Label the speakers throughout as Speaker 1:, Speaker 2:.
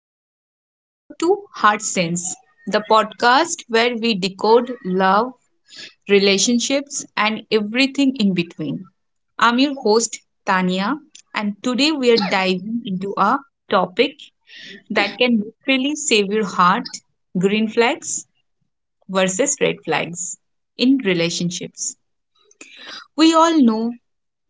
Speaker 1: everyone. Welcome to Heart Sense, the podcast where we decode love, relationships, and everything in between. I'm your host, Tania, and today we are diving into a topic that can literally save your heart: green flags versus red flags in relationships. We all know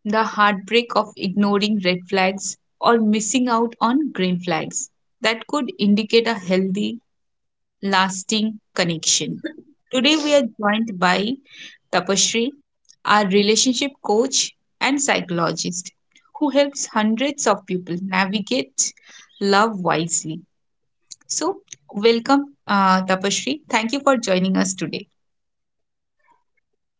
Speaker 1: the heartbreak of ignoring red flags or missing out on green flags that could indicate a healthy, lasting connection. Today, we are joined by Tapashri, our relationship coach and psychologist, who helps hundreds of people navigate love wisely. So, welcome, Tapashri. Thank you for joining us today.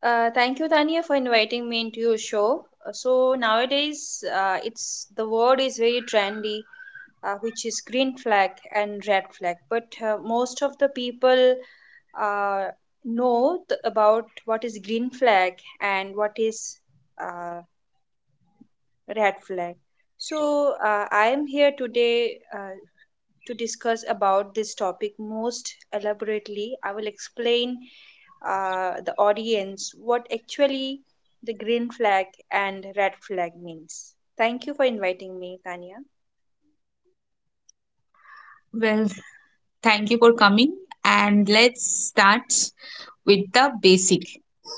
Speaker 2: Thank you, Tania, for inviting me into your show. So nowadays, it's the word is very trendy, which is green flag and red flag. But most of the people uh, know about what is green flag and what is uh, red flag. So I am here today to discuss about this topic most elaborately. I will explain the audience what actually the green flag and red flag means. Thank you for inviting me, Tanya.
Speaker 1: Well, thank you for coming, and let's start with the basic.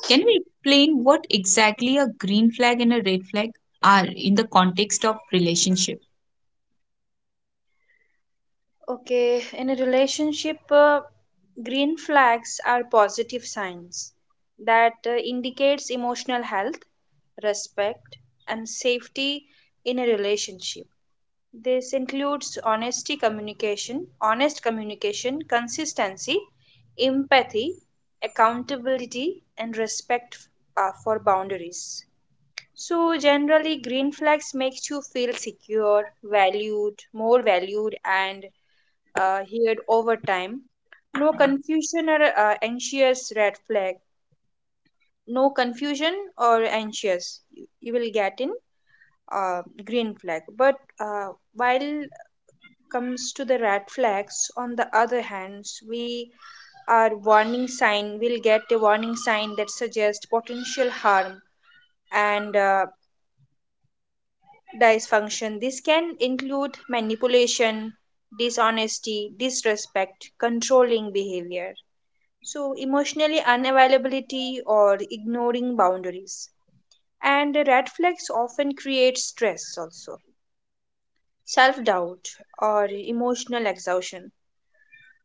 Speaker 1: Can we explain what exactly a green flag and a red flag are in the context of relationship?
Speaker 2: Okay, in a relationship, green flags are positive signs that indicates emotional health, respect, and safety in a relationship. This includes honesty communication, honest communication, consistency, empathy, accountability, and respect for boundaries. So, generally, green flags makes you feel secure, valued, more valued, and heard over time. No confusion or anxious red flag. No confusion or anxious. You will get in uh, green flag. But while comes to the red flags, on the other hand, we are warning sign will get a warning sign that suggests potential harm and dysfunction. This can include manipulation, dishonesty, disrespect, controlling behavior. So, emotionally unavailability or ignoring boundaries. And red flags often create stress also, self doubt, or emotional exhaustion.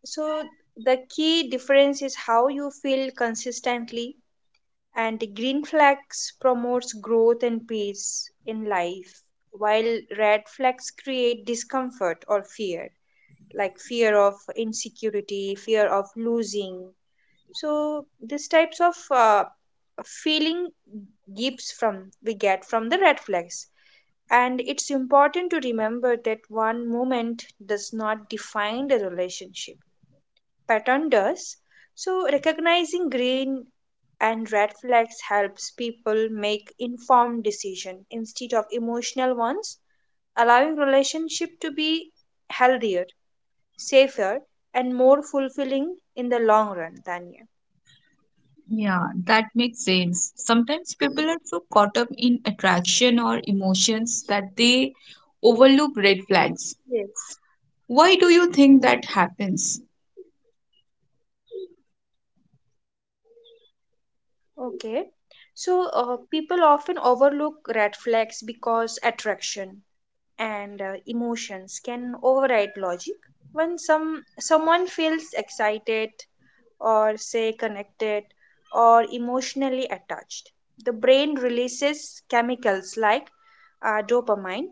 Speaker 2: So the key difference is how you feel consistently, and the green flags promotes growth and peace in life while red flags create discomfort or fear, like fear of insecurity, fear of losing. So these types of feeling gives from we get from the red flags, and it's important to remember that one moment does not define the relationship, pattern does. So, recognizing green and red flags helps people make informed decision instead of emotional ones, allowing relationship to be healthier, safer, and more fulfilling in the long run, Tanya.
Speaker 1: Yeah, that makes sense. Sometimes people are so caught up in attraction or emotions that they overlook red flags.
Speaker 2: Yes.
Speaker 1: Why do you think that happens?
Speaker 2: Okay. So, people often overlook red flags because attraction and emotions can override logic. When someone feels excited or say connected or emotionally attached. The brain releases chemicals like dopamine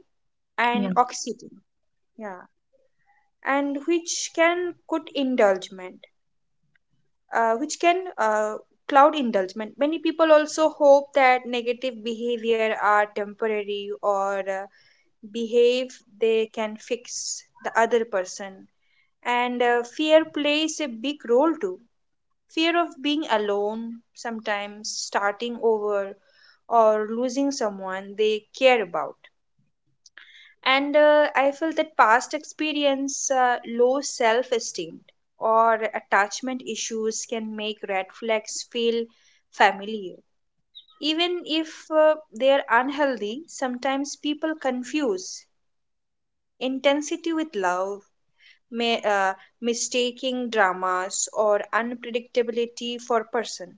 Speaker 1: Yeah.
Speaker 2: and oxytocin, yeah, and which can cloud indulgement. Many people also hope that negative behavior are temporary, or behave they can fix the other person, and fear plays a big role too, fear of being alone, sometimes starting over, or losing someone they care about. And I feel that past experience, low self esteem, or attachment issues can make red flags feel familiar. Even if they are unhealthy, sometimes people confuse intensity with love, may, uh, mistaking dramas or unpredictability for person.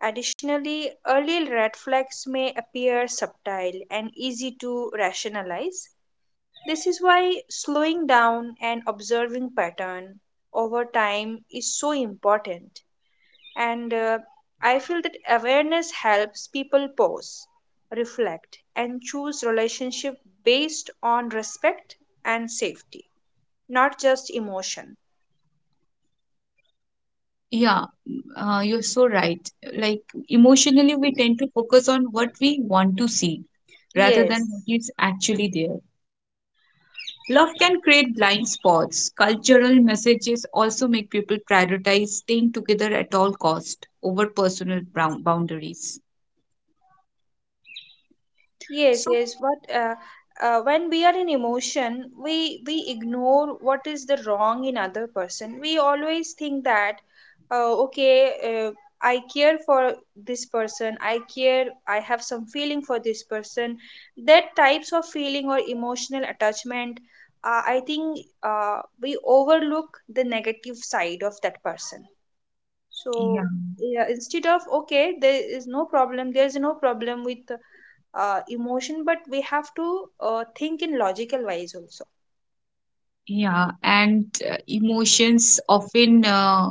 Speaker 2: Additionally, early red flags may appear subtle and easy to rationalize. This is why slowing down and observing pattern over time is so important. And I feel that awareness helps people pause, reflect, and choose relationship based on respect and safety, not just emotion.
Speaker 1: Yeah, you're so right. Like emotionally, we tend to focus on what we want to see rather than
Speaker 2: Yes.
Speaker 1: what is actually there. Love can create blind spots. Cultural messages also make people prioritize staying together at all cost over personal brown boundaries.
Speaker 2: Yes,
Speaker 1: So
Speaker 2: yes. But when we are in emotion, we ignore what is the wrong in other person. We always think that, okay, uh, I care for this person. I care. I have some feeling for this person. That types of feeling or emotional attachment, I think we overlook the negative side of that person.
Speaker 1: yeah,
Speaker 2: So yeah, instead of okay, there is no problem. There is no problem with emotion, but we have to think in logical wise also.
Speaker 1: yeah, and emotions often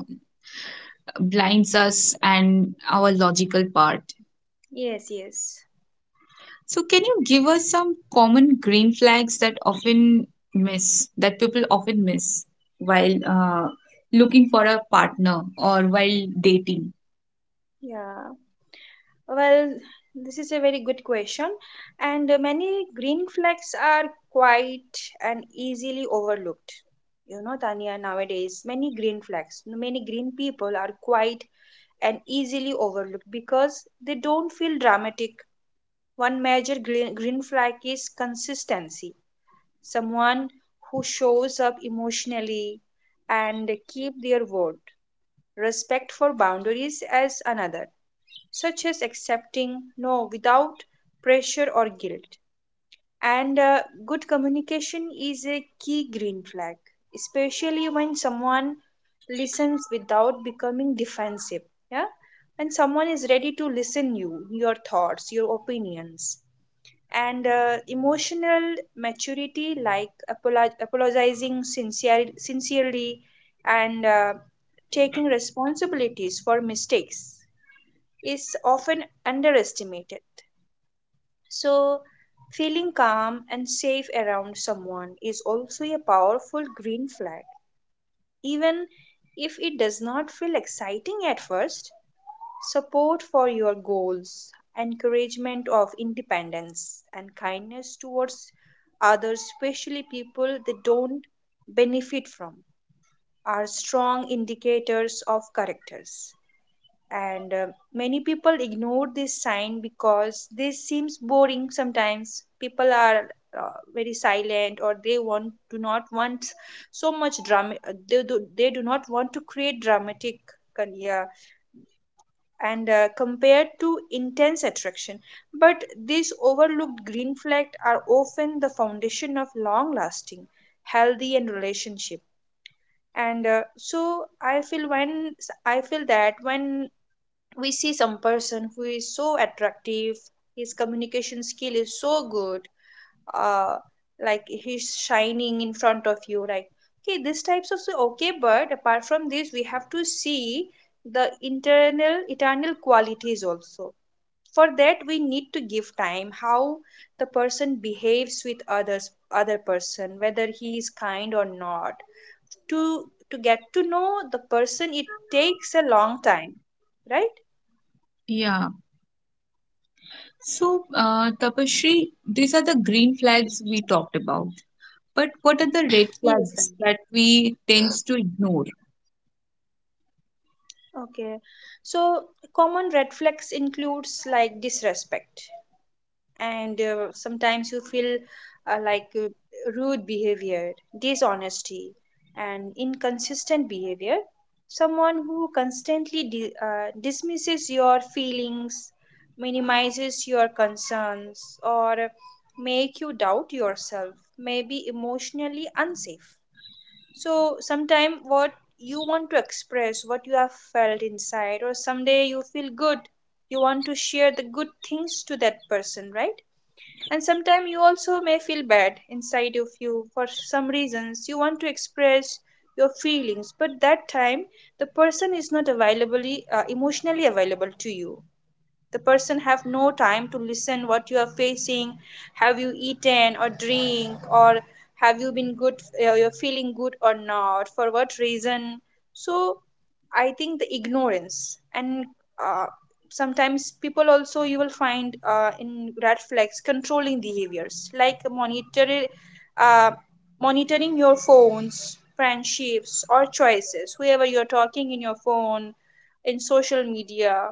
Speaker 1: blinds us and our logical part.
Speaker 2: Yes, yes.
Speaker 1: So can you give us some common green flags that often miss that people often miss while looking for a partner or while dating?
Speaker 2: Yeah. Well, this is a very good question, and many green flags are quite and easily overlooked. You know, Tanya, nowadays, many green people are quite and easily overlooked because they don't feel dramatic. One major green flag is consistency, someone who shows up emotionally and keep their word. Respect for boundaries as another, such as accepting no without pressure or guilt. And good communication is a key green flag, especially when someone listens without becoming defensive. Yeah, when someone is ready to listen you, your thoughts, your opinions, and emotional maturity, like apologizing sincerely and taking responsibilities for mistakes is often underestimated. So feeling calm and safe around someone is also a powerful green flag, even if it does not feel exciting at first. Support for your goals, encouragement of independence, and kindness towards others, especially people they don't benefit from, are strong indicators of characters. And many people ignore this sign because this seems boring sometimes. People are very silent, or they want do not want so much drama, they do not want to create yeah, and compared to intense attraction. But these overlooked green flags are often the foundation of long lasting, healthy and relationship. And so I feel that when we see some person who is so attractive, his communication skill is so good, uh like he's shining in front of you like okay, these types of, so okay. But apart from this, we have to see the internal eternal qualities also. For that, we need to give time how the person behaves with other person, whether he is kind or not, to to get to know the person. It takes a long time, right?
Speaker 1: Yeah. So, Tapasree, these are the green flags we talked about. But what are the red
Speaker 2: Yes,
Speaker 1: flags
Speaker 2: Tanya.
Speaker 1: that we tend to ignore?
Speaker 2: Okay, so common red flags includes like disrespect and sometimes you feel like rude behavior, dishonesty, and inconsistent behavior. Someone who constantly dismisses your feelings, minimizes your concerns, or make you doubt yourself may be emotionally unsafe. So, sometime what you want to express, what you have felt inside, or someday you feel good, you want to share the good things to that person, right? And sometimes you also may feel bad inside of you for some reasons you want to express your feelings, but that time the person is not available, emotionally available to you. The person have no time to listen what you are facing, have you eaten or drink, or have you been good, you're feeling good or not, for what reason. So I think the ignorance. And uh, sometimes people also, you will find in red flags controlling behaviors like uh, monitoring your phones, friendships, or choices, whoever you're talking in your phone, in social media,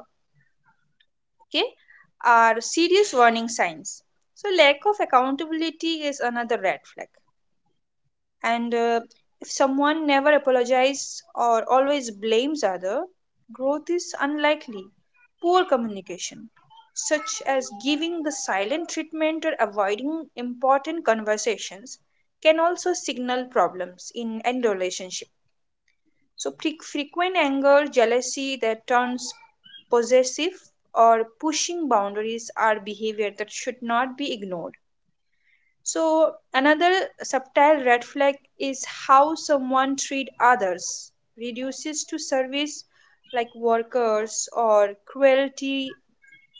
Speaker 2: okay, are serious warning signs. So, lack of accountability is another red flag. And if someone never apologizes or always blames other, growth is unlikely. Poor communication, such as giving the silent treatment or avoiding important conversations, can also signal problems in end relationships. So, frequent anger, jealousy that turns possessive, or pushing boundaries are behavior that should not be ignored. So, another subtle red flag is how someone treat others, reduces to service like workers or cruelty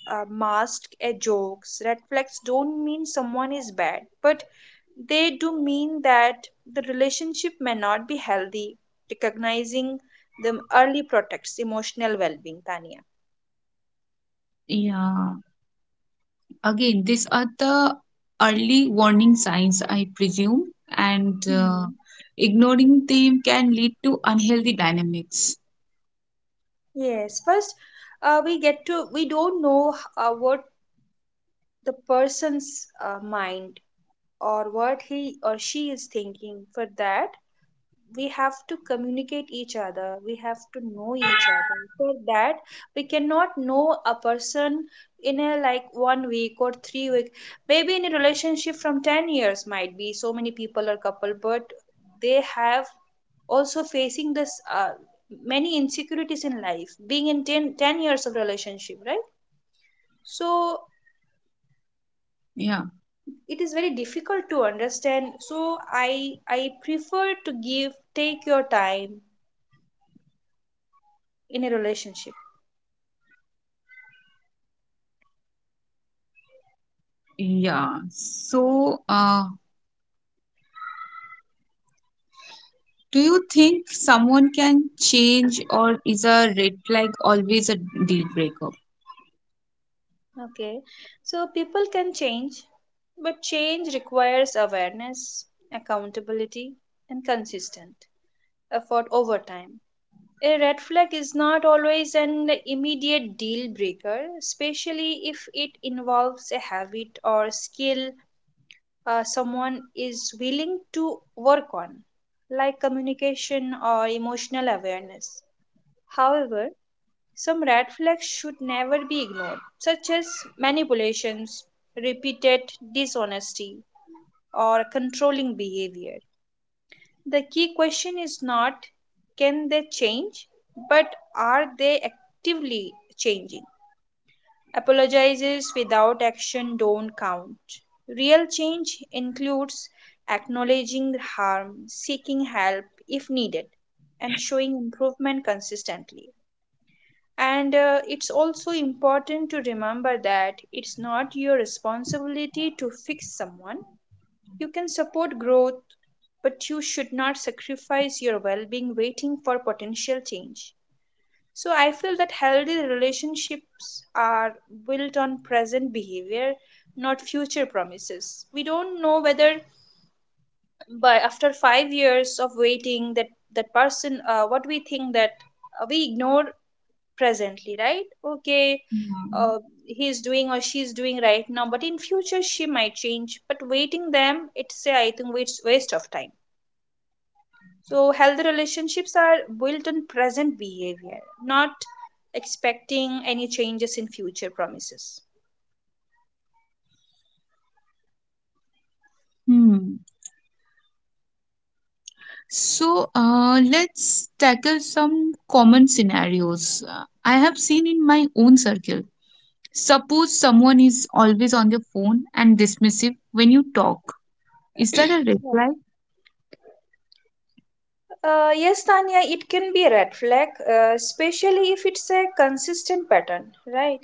Speaker 2: masked as jokes. Red flags don't mean someone is bad, but they do mean that the relationship may not be healthy. Recognizing them early protects emotional well being, Tanya.
Speaker 1: Yeah, again, these are the early warning signs, I presume, and
Speaker 2: Hmm.
Speaker 1: ignoring them can lead to unhealthy dynamics.
Speaker 2: Yes, first, we don't know what the person's mind or what he or she is thinking. For that, we have to communicate each other, we have to know each other. For that, we cannot know a person in a like 1 week or 3 week, maybe in a relationship from 10 years might be so many people or couple, but they have also facing this many insecurities in life, being in ten years of relationship, right? So
Speaker 1: Yeah,
Speaker 2: it is very difficult to understand. So i I prefer to give take your time in a relationship.
Speaker 1: yeah. So, do you think someone can change, or is a red flag always a deal breaker?
Speaker 2: Okay, so people can change, but change requires awareness, accountability, and consistent effort over time. A red flag is not always an immediate deal breaker, especially if it involves a habit or skill someone is willing to work on, like communication or emotional awareness. However, some red flags should never be ignored, such as manipulations, repeated dishonesty, or controlling behavior. The key question is not can they change, but are they actively changing? Apologizes without action don't count. Real change includes acknowledging harm, seeking help if needed, and showing improvement consistently. And it's also important to remember that it's not your responsibility to fix someone. You can support growth, but you should not sacrifice your well being waiting for potential change. So, I feel that healthy relationships are built on present behavior, not future promises. We don't know whether by after 5 years of waiting that person what we think that we ignore presently, right? Okay.
Speaker 1: Yeah.
Speaker 2: uh, he's doing or she's doing right now, but in future she might change, but waiting them I think it's waste of time. So healthy relationships are built on present behavior, not expecting any changes in future promises.
Speaker 1: Hmm. So let's tackle some common scenarios I have seen in my own circle. Suppose someone is always on their phone and dismissive when you talk. Is that a red
Speaker 2: Hmm.
Speaker 1: flag?
Speaker 2: Yes, Tanya, it can be a red flag, especially if it's a consistent pattern, right?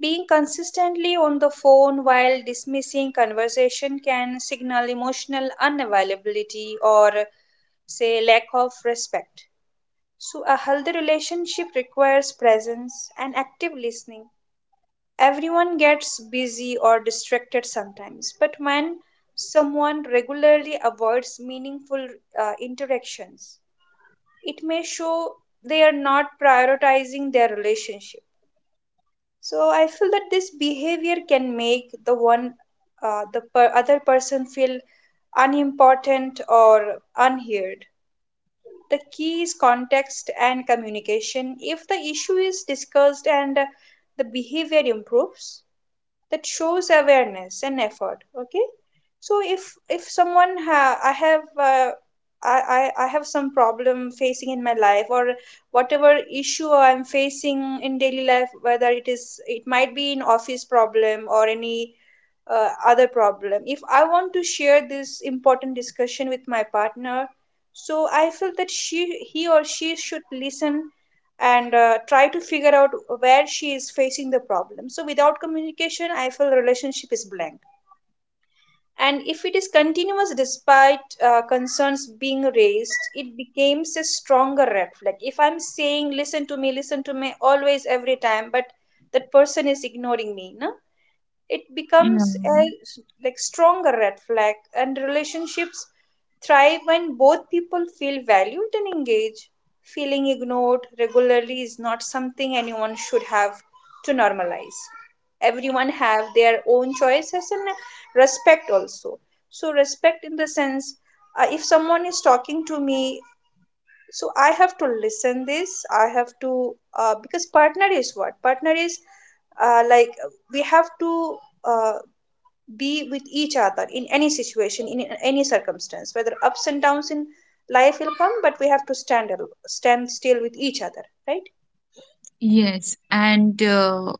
Speaker 2: Being consistently on the phone while dismissing conversation can signal emotional unavailability or, say, lack of respect. So, a healthy relationship requires presence and active listening. Everyone gets busy or distracted sometimes, but when someone regularly avoids meaningful interactions, it may show they are not prioritizing their relationship. So I feel that this behavior can make the one the per- other person feel unimportant or unheard. The key is context and communication. If the issue is discussed and the behavior improves, that shows awareness and effort. Okay, so if someone ha- I have I have some problem facing in my life, or whatever issue I'm facing in daily life, whether it might be in office problem or any other problem, if I want to share this important discussion with my partner, so I feel that she he or she should listen and try to figure out where she is facing the problem. So, without communication, I feel relationship is blank. And if it is continuous despite concerns being raised, it becomes a stronger red flag. If I'm saying, listen to me, always, every time, but that person is ignoring me, no? It
Speaker 1: Yeah.
Speaker 2: becomes a like stronger red flag, and relationships thrive when both people feel valued and engaged. Feeling ignored regularly is not something anyone should have to normalize. Everyone have their own choices and respect also. So respect in the sense, if someone is talking to me, so I have to listen this. I have to because partner is what partner is, like, we have to uh, be with each other in any situation, in any circumstance. Whether ups and downs in life will come, but we have to stand still with each other, right?
Speaker 1: Yes, and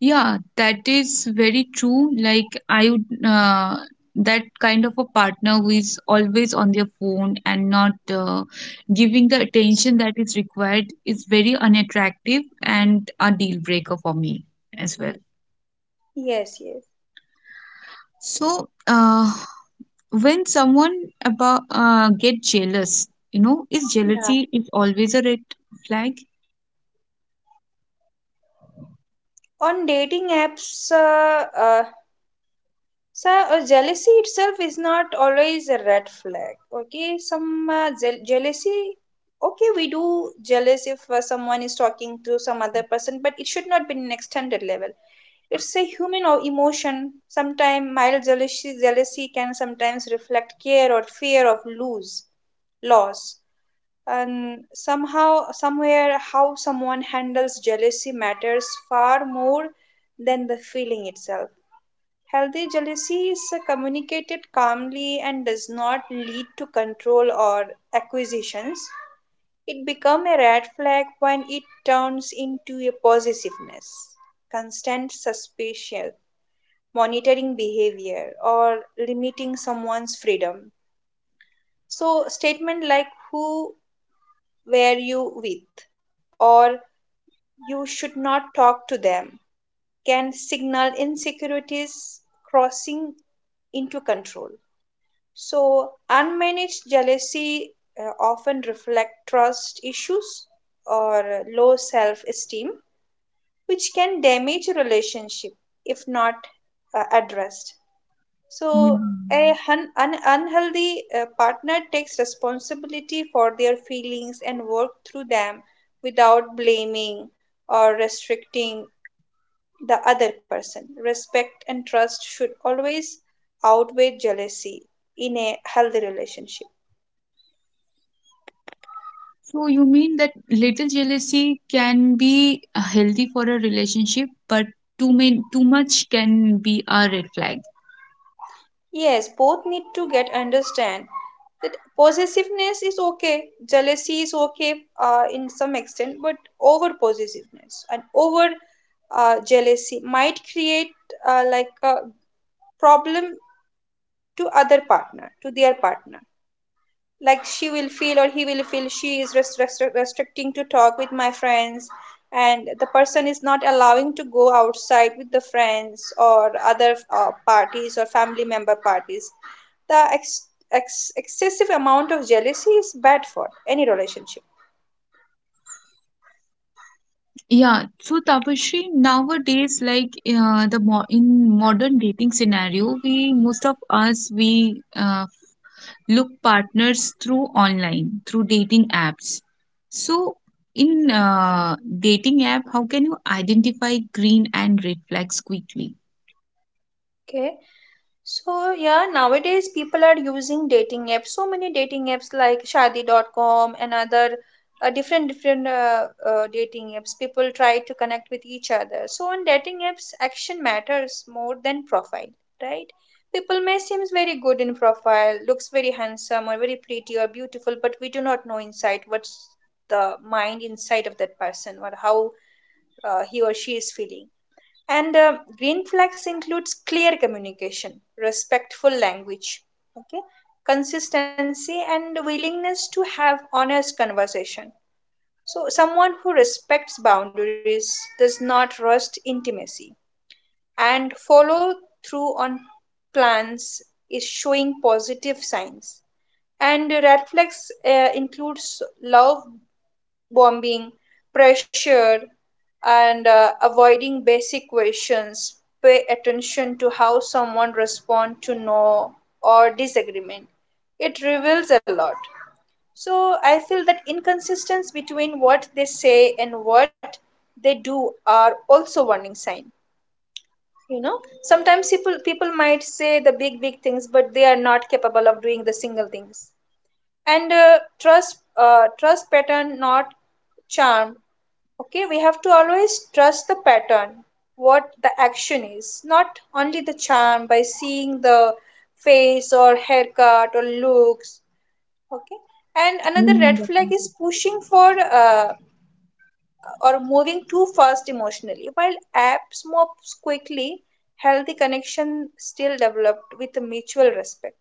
Speaker 1: yeah, that is very true. Like I would that kind of a partner who is always on their phone and not giving the attention that is required is very unattractive and a deal breaker for me as well.
Speaker 2: Yes, yes.
Speaker 1: So, when someone about get jealous, you know, is
Speaker 2: Yeah,
Speaker 1: jealousy is always a red flag?
Speaker 2: on dating apps. So jealousy itself is not always a red flag. Okay, some jealousy, okay, we do jealous if someone is talking to some other person, but it should not be an extended level. It's a emotion. Sometimes mild jealousy can sometimes reflect care or fear of lose loss. And somehow, somewhere, how someone handles jealousy matters far more than the feeling itself. Healthy jealousy is communicated calmly and does not lead to control or acquisitions. It becomes a red flag when it turns into a possessiveness, constant suspicion, monitoring behavior, or limiting someone's freedom. So, statement like, who were you with, or you should not talk to them, can signal insecurities crossing into control. So, unmanaged jealousy often reflect trust issues or low self-esteem, which can damage a relationship if not addressed.
Speaker 1: Yeah.
Speaker 2: So, an unhealthy partner takes responsibility for their feelings and work through them without blaming or restricting the other person. Respect and trust should always outweigh jealousy in a healthy relationship.
Speaker 1: So you mean that little jealousy can be healthy for a relationship, but too many, too much can be a red flag.
Speaker 2: Yes, both need to get understand that possessiveness is okay, jealousy is okay in some extent, but over possessiveness and over jealousy might create like a problem to other partner, to their partner. Like, she will feel or he will feel she is restricting to talk with my friends, and the person is not allowing to go outside with the friends or other parties or family member parties. The excessive amount of jealousy is bad for any relationship.
Speaker 1: Yeah, so Tapashri, nowadays, like the mo in modern dating scenario, we most of us we look partners through online through dating apps. So in dating app, how can you identify green and red flags quickly?
Speaker 2: Okay, so yeah, nowadays people are using dating apps. So many dating apps like Shadi.com and other different dating apps. People try to connect with each other. So on dating apps, action matters more than profile, right? People may seems very good in profile, looks very handsome or very pretty or beautiful, but we do not know inside what's the mind inside of that person, or how he or she is feeling. And green flags includes clear communication, respectful language, okay, consistency, and willingness to have honest conversation. So someone who respects boundaries, does not rush intimacy, and follow through on plans is showing positive signs. And red flags includes love bombing, pressure, and avoiding basic questions. Pay attention to how someone responds to no or disagreement. It reveals a lot. So I feel that inconsistency between what they say and what they do are also warning sign. You know, sometimes people might say the big things, but they are not capable of doing the single things. And trust pattern, not charm. Okay, we have to always trust the pattern, what the action, is not only the charm by seeing the face or haircut or looks. Okay, and another red
Speaker 1: And
Speaker 2: flag is pushing for or moving too fast emotionally. While apps moves quickly, healthy connection still developed with mutual respect.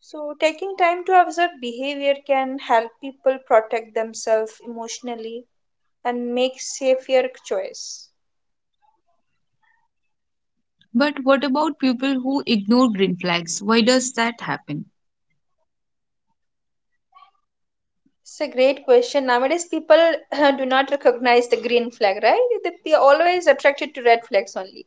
Speaker 2: So taking time to observe behavior can help people protect themselves emotionally and make safer choice.
Speaker 1: but what about people who ignore green flags? Why does that happen?
Speaker 2: It's a great question. Nowadays, people do not recognize the green flag, right? They are always attracted to red flags only.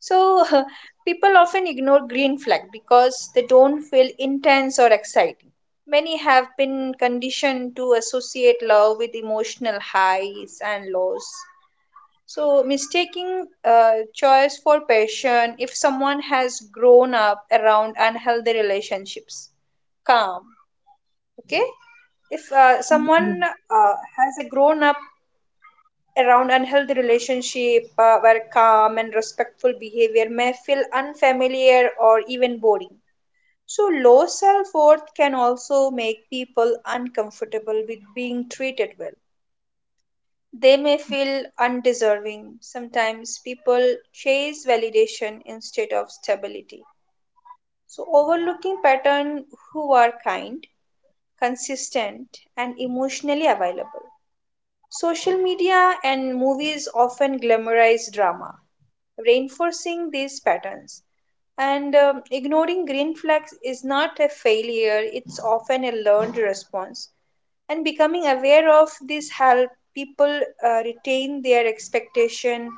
Speaker 2: So, people often ignore green flag because they don't feel intense or exciting. Many have been conditioned to associate love with emotional highs and lows. So, mistaking choice for passion if someone has grown up around unhealthy relationships. Calm. Okay, if
Speaker 1: uh, yeah.
Speaker 2: someone has a grown up around unhealthy relationship where calm and respectful behavior may feel unfamiliar or even boring. So low self-worth can also make people uncomfortable with being treated well. They may feel undeserving. Sometimes people chase validation instead of stability, so overlooking pattern who are kind, consistent, and emotionally available. Social media and movies often glamorize drama, reinforcing these patterns. And ignoring green flags is not a failure, it's often a learned response. And becoming aware of this help people retain their expectation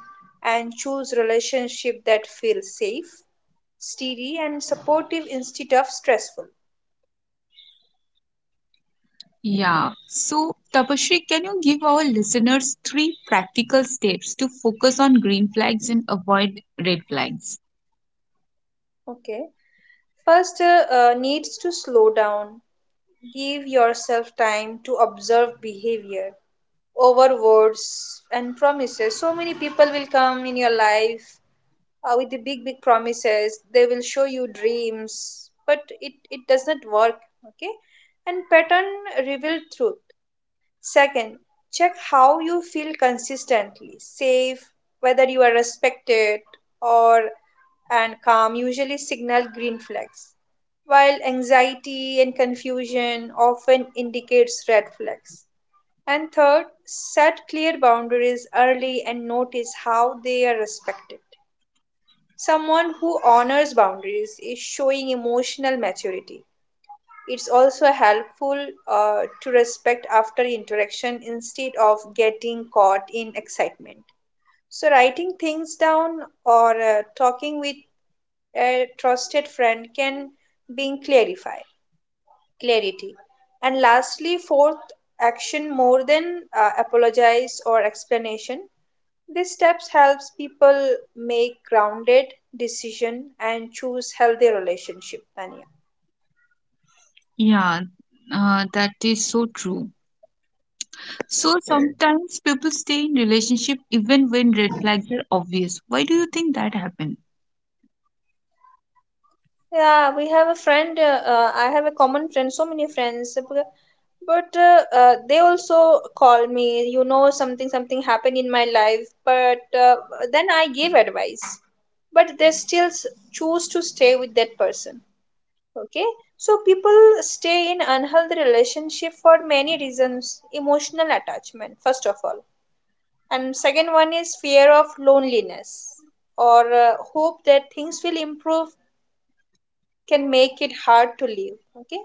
Speaker 2: and choose relationship that feel safe, steady, and supportive instead of stressful.
Speaker 1: Yeah, so Tapashri, can you give our listeners three practical steps to focus on green flags and avoid red flags?
Speaker 2: Okay. First, needs to slow down. Give yourself time to observe behavior over words and promises. So many people will come in your life with the big, big promises. They will show you dreams, but it does not work. Okay, and pattern reveal truth. Second, check how you feel consistently safe, whether you are respected or, and calm usually signal green flags, while anxiety and confusion often indicates red flags. And third, set clear boundaries early and notice how they are respected. Someone who honors boundaries is showing emotional maturity. It's also helpful to respect after interaction instead of getting caught in excitement. So, writing things down or talking with a trusted friend can bring clarify clarity. And lastly, fourth, action more than apologize or explanation. These steps helps people make grounded decision and choose healthy relationship, Tanya.
Speaker 1: Yeah, that is so true. So sometimes people stay in relationship even when red flags are obvious. Why do you think that happened?
Speaker 2: Yeah, we have a friend. I have a common friend, so many friends, but they also call me. You know, something happened in my life, but then I give advice, but they choose to stay with that person. Okay, so people stay in unhealthy relationship for many reasons. Emotional attachment, first of all, and second one is fear of loneliness or hope that things will improve, can make it hard to live. Okay,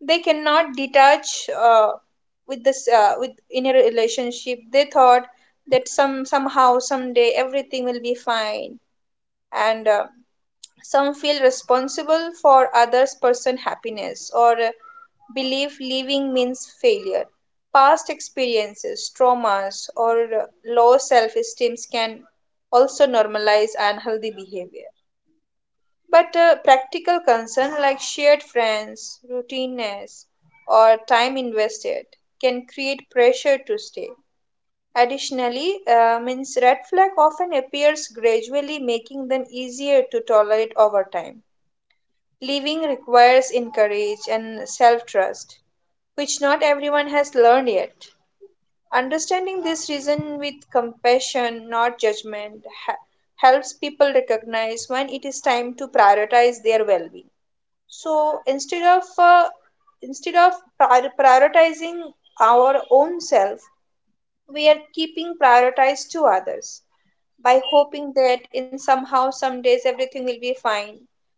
Speaker 2: they cannot detach with this with, in a relationship. They thought that somehow, someday everything will be fine. And some feel responsible for others person happiness, or believe leaving means failure. Past experiences, traumas, or uh, low self esteem can also normalize unhealthy behavior. But practical concern like shared friends, routineness, or time invested can create pressure to stay. Additionally, means red flag often appears gradually, making them easier to tolerate over time. Leaving requires courage and self trust, which not everyone has learned yet. Understanding this reason with compassion, not judgment, helps people recognize when it is time to prioritize their well being. So instead of prioritizing our own self, we are keeping prioritized to others by hoping that in somehow some days everything will be fine,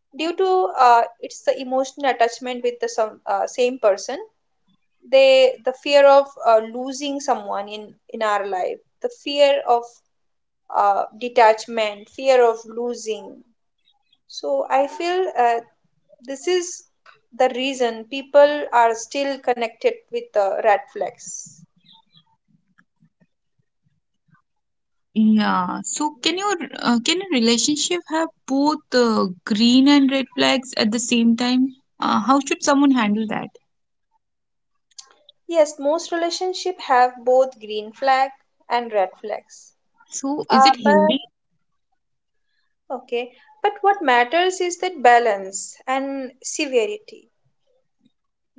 Speaker 2: due to it's the emotional attachment with the some, same person. They, the fear of losing someone in our life, the fear of detachment, fear of losing. So I feel this is the reason people are still connected with the red flags.
Speaker 1: Yeah. So can you can a relationship have both green and red flags at the same time? How should someone handle that?
Speaker 2: Yes, most relationships have both green flag and red flags.
Speaker 1: So, is it
Speaker 2: But
Speaker 1: healthy?
Speaker 2: okay, but what matters is that balance and severity.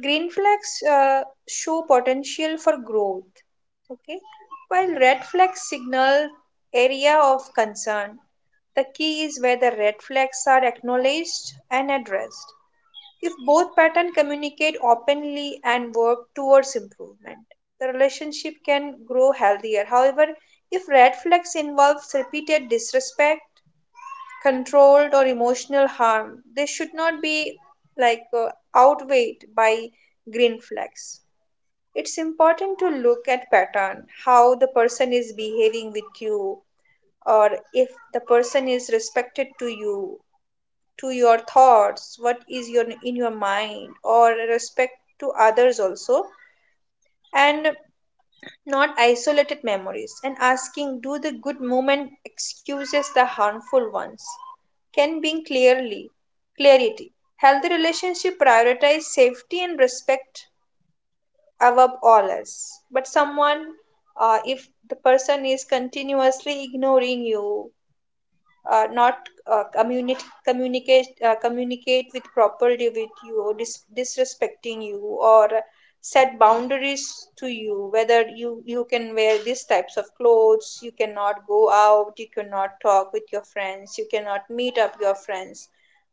Speaker 2: Green flags show potential for growth. Okay. While red flags signal area of concern, the key is where the red flags are acknowledged and addressed. If both patterns communicate openly and work towards improvement, the relationship can grow healthier. However, if red flags involves repeated disrespect, controlled or emotional harm, they should not be like outweighed by green flags. It's important to look at pattern, how the person is behaving with you, or if the person is respected to you, to your thoughts, what is your in your mind, or respect to others also, and not isolated memories, and asking, do the good moment excuses the harmful ones, can bring clearly clarity. Healthy relationship prioritize safety and respect above all else. But someone, if the person is continuously ignoring you, not communicate with properly with you, or disrespecting you, or set boundaries to you, whether you can wear these types of clothes, you cannot go out, you cannot talk with your friends, you cannot meet up your friends.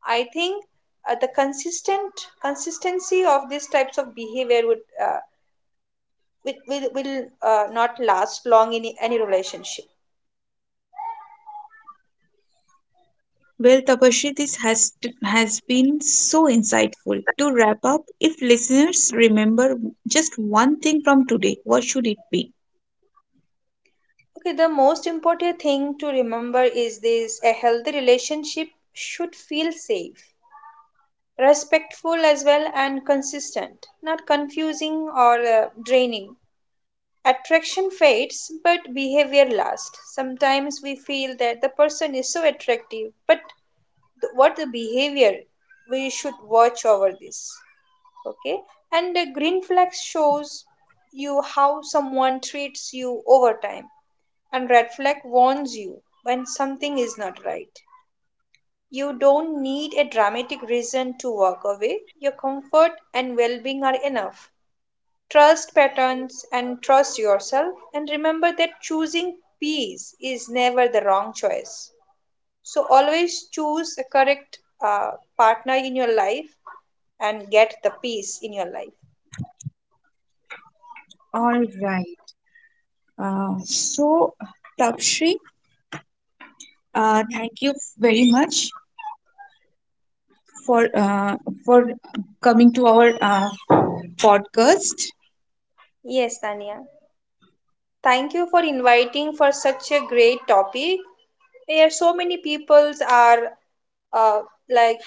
Speaker 2: I think the consistent consistency of these types of behavior would uh, will not last long in any relationship.
Speaker 1: Well, Tapashri, this has has been so insightful. To wrap up, if listeners remember just one thing from today, what should it be?
Speaker 2: Okay, the most important thing to remember is this: a healthy relationship should feel safe, respectful as well, and consistent, not confusing or draining. Attraction fades, but behavior lasts. Sometimes we feel that the person is so attractive, but what the behavior, we should watch over this. Okay, and the green flag shows you how someone treats you over time, and red flag warns you when something is not right. You don't need a dramatic reason to walk away. Your comfort and well-being are enough. Trust patterns and trust yourself, and remember that choosing peace is never the wrong choice. So always choose a correct uh, partner in your life and get the peace in your life.
Speaker 1: All right. So, Tapashri, thank you very much for uh, for coming to our podcast.
Speaker 2: Yes, Tanya. Thank you for inviting for such a great topic. Yeah, so many peoples are uh, like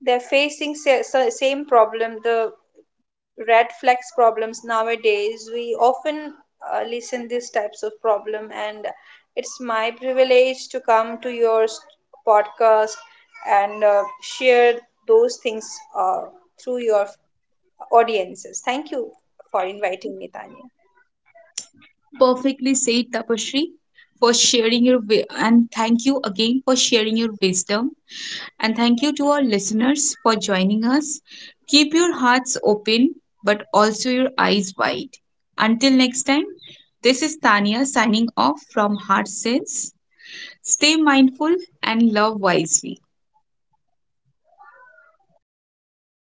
Speaker 2: they're facing same problem, the red flags problems nowadays. We often listen these types of problem, and it's my privilege to come to your podcast and share those things uh, through your audiences. Thank you for inviting me, Tanya.
Speaker 1: Perfectly said, Tapashri, for sharing your wi- and thank you again for sharing your wisdom. And thank you to our listeners for joining us. Keep your hearts open, but also your eyes wide. Until next time, this is Tania signing off from Heart Sense. Stay mindful and love wisely.